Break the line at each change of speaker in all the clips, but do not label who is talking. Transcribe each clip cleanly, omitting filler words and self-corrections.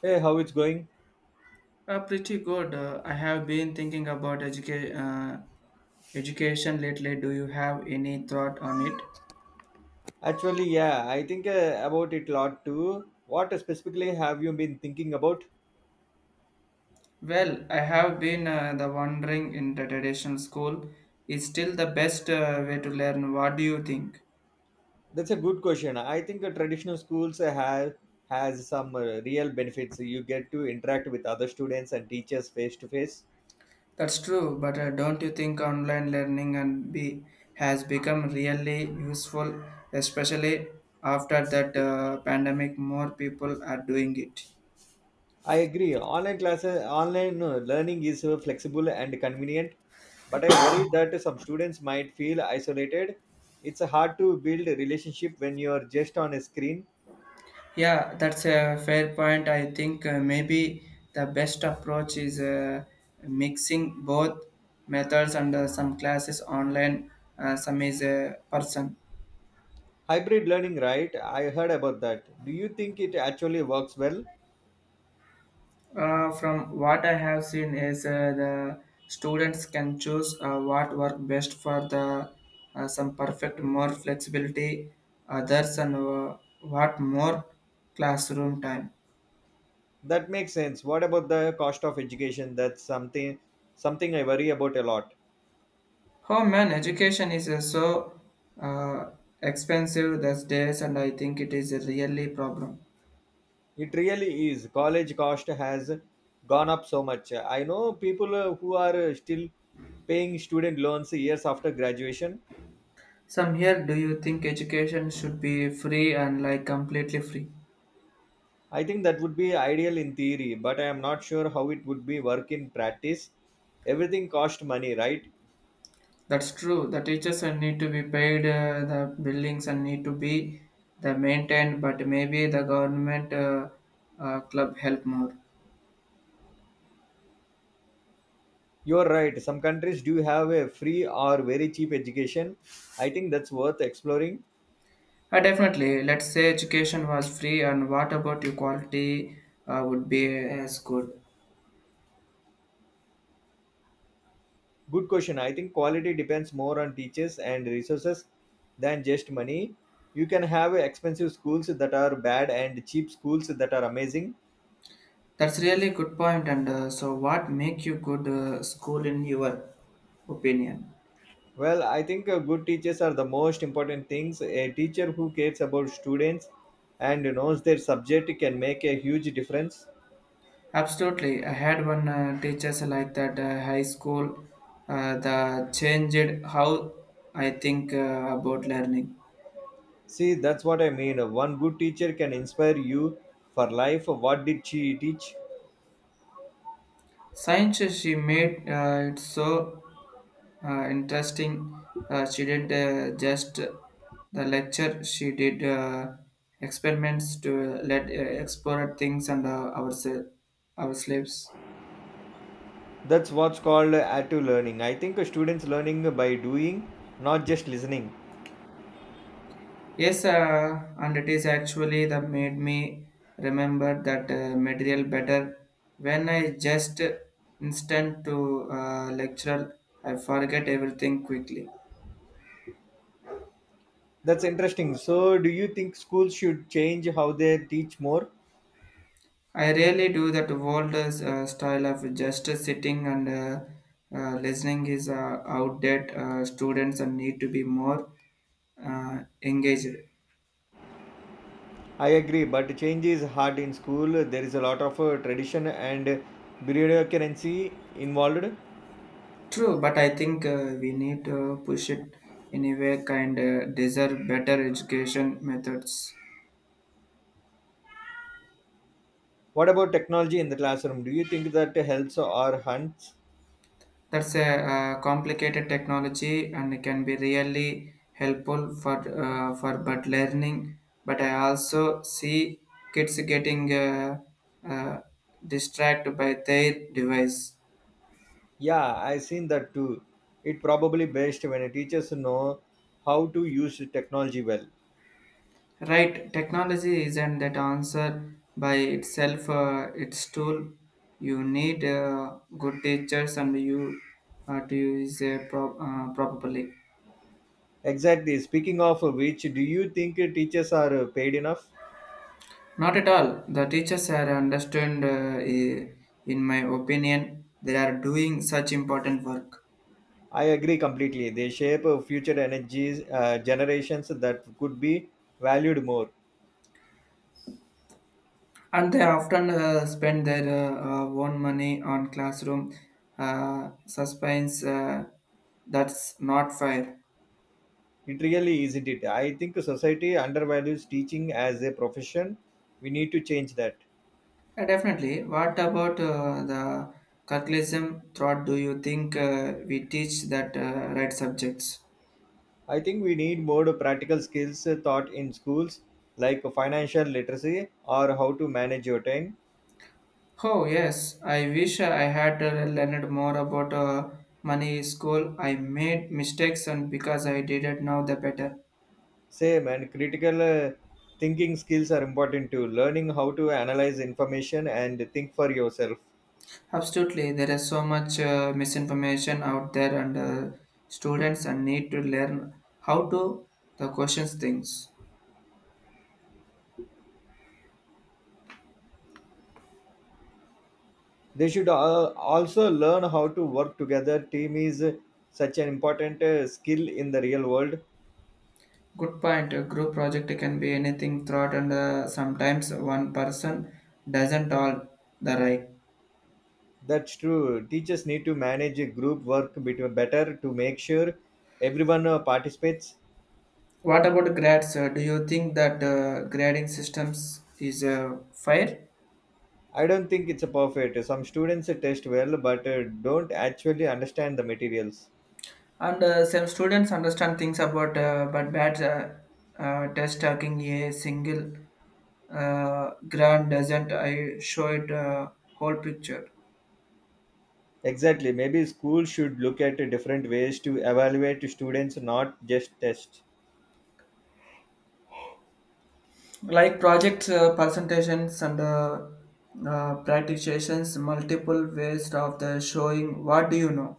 Hey, how it's going?
Pretty good. I have been thinking about education lately. Do you have any thought on it?
Actually, yeah, I think about it a lot too. What specifically have you been thinking about?
Well, I have been the wondering in the traditional school is still the best way to learn. What do you think?
That's a good question. I think traditional schools have has some real benefits. You get to interact with other students and teachers face to face.
That's true, but don't you think online learning and be has become really useful, especially after that pandemic? More people are doing it.
I agree. Online classes, online learning is flexible and convenient, but I worry that some students might feel isolated. It's hard to build a relationship when you are just on a screen.
Yeah, that's a fair point. I think maybe the best approach is mixing both methods and some classes online, some is a person.
Hybrid learning, right? I heard about that. Do you think it actually works well?
From what I have seen is the students can choose what work best for the some perfect more flexibility others and what more classroom time.
That makes sense. What about the cost of education? That's something I worry about a lot.
Oh man, education is so uh, expensive these days, and I think it is a really problem.
It really is. College cost has gone up so much. I know people who are still paying student loans years after graduation.
Some here, do you think education should be free and like completely free?
I think that would be ideal in theory, but I am not sure how it would be work in practice. Everything cost money, right?
That's true. The teachers need to be paid, the buildings and need to be the maintained, but maybe the government club help more.
You're right. Some countries do have a free or very cheap education. I think that's worth exploring.
Definitely. Let's say education was free, and what about your quality would be as good?
Good question. I think quality depends more on teachers and resources than just money. You can have expensive schools that are bad and cheap schools that are amazing.
That's really good point. And so, what make you good school in your opinion?
Well, I think good teachers are the most important things. A teacher who cares about students and knows their subject can make a huge difference.
Absolutely, I had one teachers like that high school. The changed how I think about learning.
See, that's what I mean. One good teacher can inspire you for life. What did she teach?
Science, she made it so interesting. She didn't just the lecture. She did experiments to let explore things and our slaves.
That's what's called active learning. I think students learning by doing, not just listening.
Yes, and it is actually that made me remember that material better. When I just instant to lecture, I forget everything quickly.
That's interesting. So, do you think schools should change how they teach more?
I really do that old style of just sitting and listening is outdated. Students and need to be more engaged.
I agree, but change is hard in school. There is a lot of tradition and bureaucracy involved.
True, but I think we need to push it in a way kind of deserve better education methods.
What about technology in the classroom? Do you think that helps or hunts?
That's a complicated technology and it can be really helpful for but learning. But I also see kids getting uh, distracted by their device.
Yeah, I seen that too. It probably best when teachers know how to use technology well.
Right, technology isn't that answer by itself. Its tool. You need good teachers and you to use it properly.
Exactly. Speaking of which, do you think teachers are paid enough?
Not at all. The teachers are understand. In my opinion, they are doing such important work,
I agree completely. They shape future energies, generations that could be valued more.
and they often spend their own money on classroom suspense. That's not fair.
It really isn't it. I think society undervalues teaching as a profession. We need to change that.
Definitely. What about the curriculum? Thought? Do you think we teach that right subjects?
I think we need more practical skills taught in schools, like financial literacy or how to manage your time.
Oh, yes. I wish I had learned more about money in school. I made mistakes, and because I didn't know the better.
Same and critical thinking skills are important too. Learning how to analyze information and think for yourself.
Absolutely, there is so much misinformation out there, and students and need to learn how to the questions things.
They should also learn how to work together. Team is such an important skill in the real world.
Good point. A group project can be anything thought, and sometimes one person doesn't all the right.
That's true. Teachers need to manage a group work bit better to make sure everyone participates.
What about grades? Do you think that grading systems is fair?
I don't think it's a perfect. Some students test well but don't actually understand the materials.
And some students understand things about but bad test taking a single grant doesn't I show it whole picture.
Exactly. Maybe schools should look at different ways to evaluate students, not just tests.
Like projects presentations and practications multiple ways of the showing what do you know.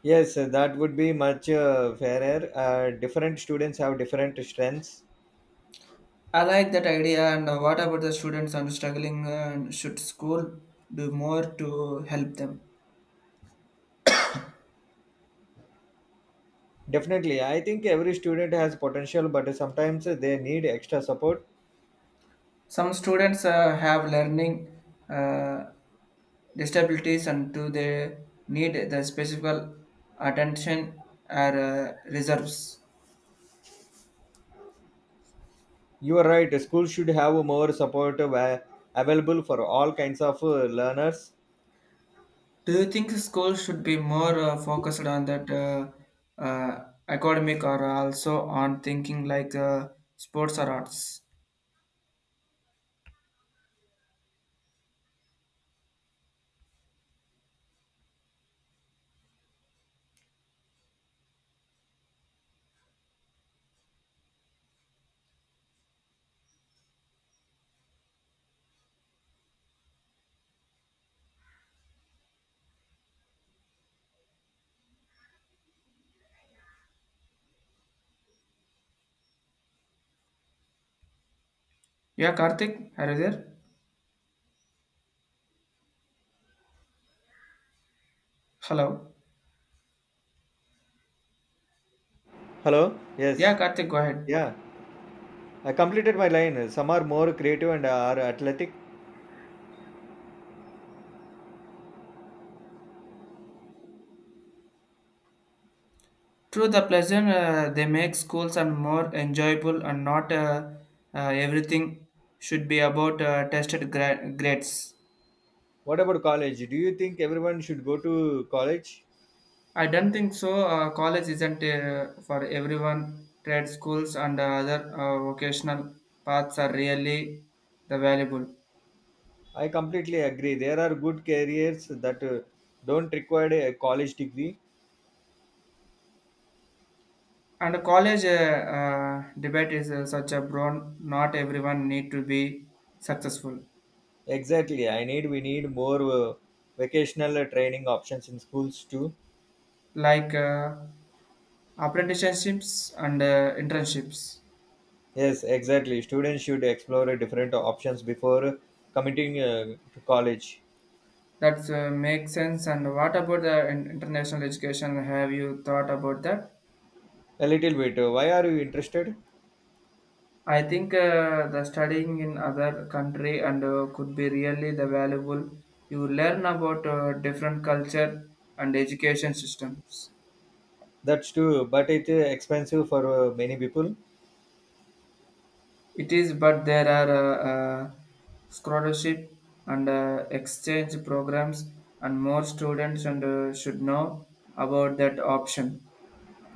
Yes, that would be much fairer. Different students have different strengths.
I like that idea and what about the students and struggling should school do more to help them.
Definitely. I think every student has potential, but sometimes they need extra support.
Some students have learning uh, disabilities and do they need the specific attention or reserves.
You are right. Schools should have more support available for all kinds of learners.
Do you think schools should be more focused on that academic or also on thinking like sports or arts? Yeah, Karthik, are you there? Hello?
Hello?
Yeah,
Yes.
Karthik, go ahead.
Yeah. I completed my line. Some are more creative and are athletic.
True, the pleasure they make schools and more enjoyable, and not uh, everything should be about tested grades.
What about college? Do you think everyone should go to college?
I don't think so. College isn't for everyone. Trade schools and other vocational paths are really the valuable.
I completely agree. There are good careers that don't require a college degree.
And college debate is such a broad. Not everyone need to be successful,
Exactly. I need We need more vocational training options in schools too.
like apprenticeships and internships.
Yes, exactly. Students should explore different options before committing to college.
That makes sense. And what about the international education? Have you thought about that?
A little bit. Why are you interested?
I think the studying in other country and could be really the valuable. You learn about different culture and education systems.
That's true, but it's expensive for many people.
It is, but there are scholarship and exchange programs, and more students and should know about that option.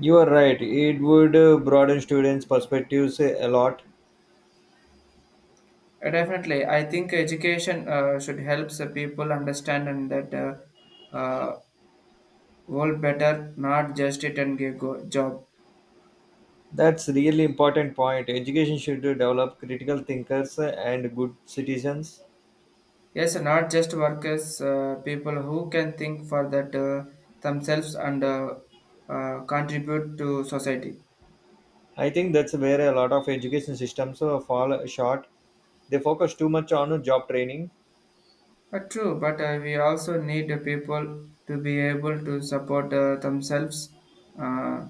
You are right. It would broaden students' perspectives a lot.
Definitely, I think education should help the people understand and that uh, world better, not just it and give go job.
That's really important point. Education should develop critical thinkers and good citizens.
Yes, not just workers, people who can think for that themselves and contribute to society.
I think that's where a lot of education systems fall short. They focus too much on job training.
True, but we also need the people to be able to support themselves uh,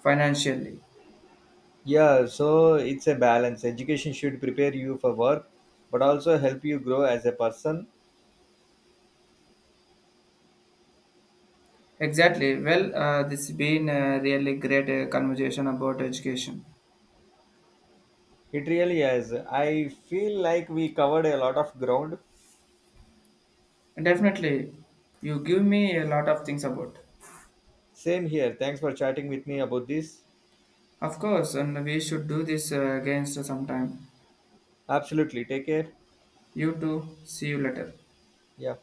financially.
Yeah, so it's a balance. Education should prepare you for work, but also help you grow as a person.
Exactly. Well, this has been a really great conversation about education.
It really is. I feel like we covered a lot of ground.
Definitely, you give me a lot of things about.
Same here. Thanks for chatting with me about this.
Of course, and we should do this again sometime.
Absolutely. Take care.
You too. See you later.
Yeah.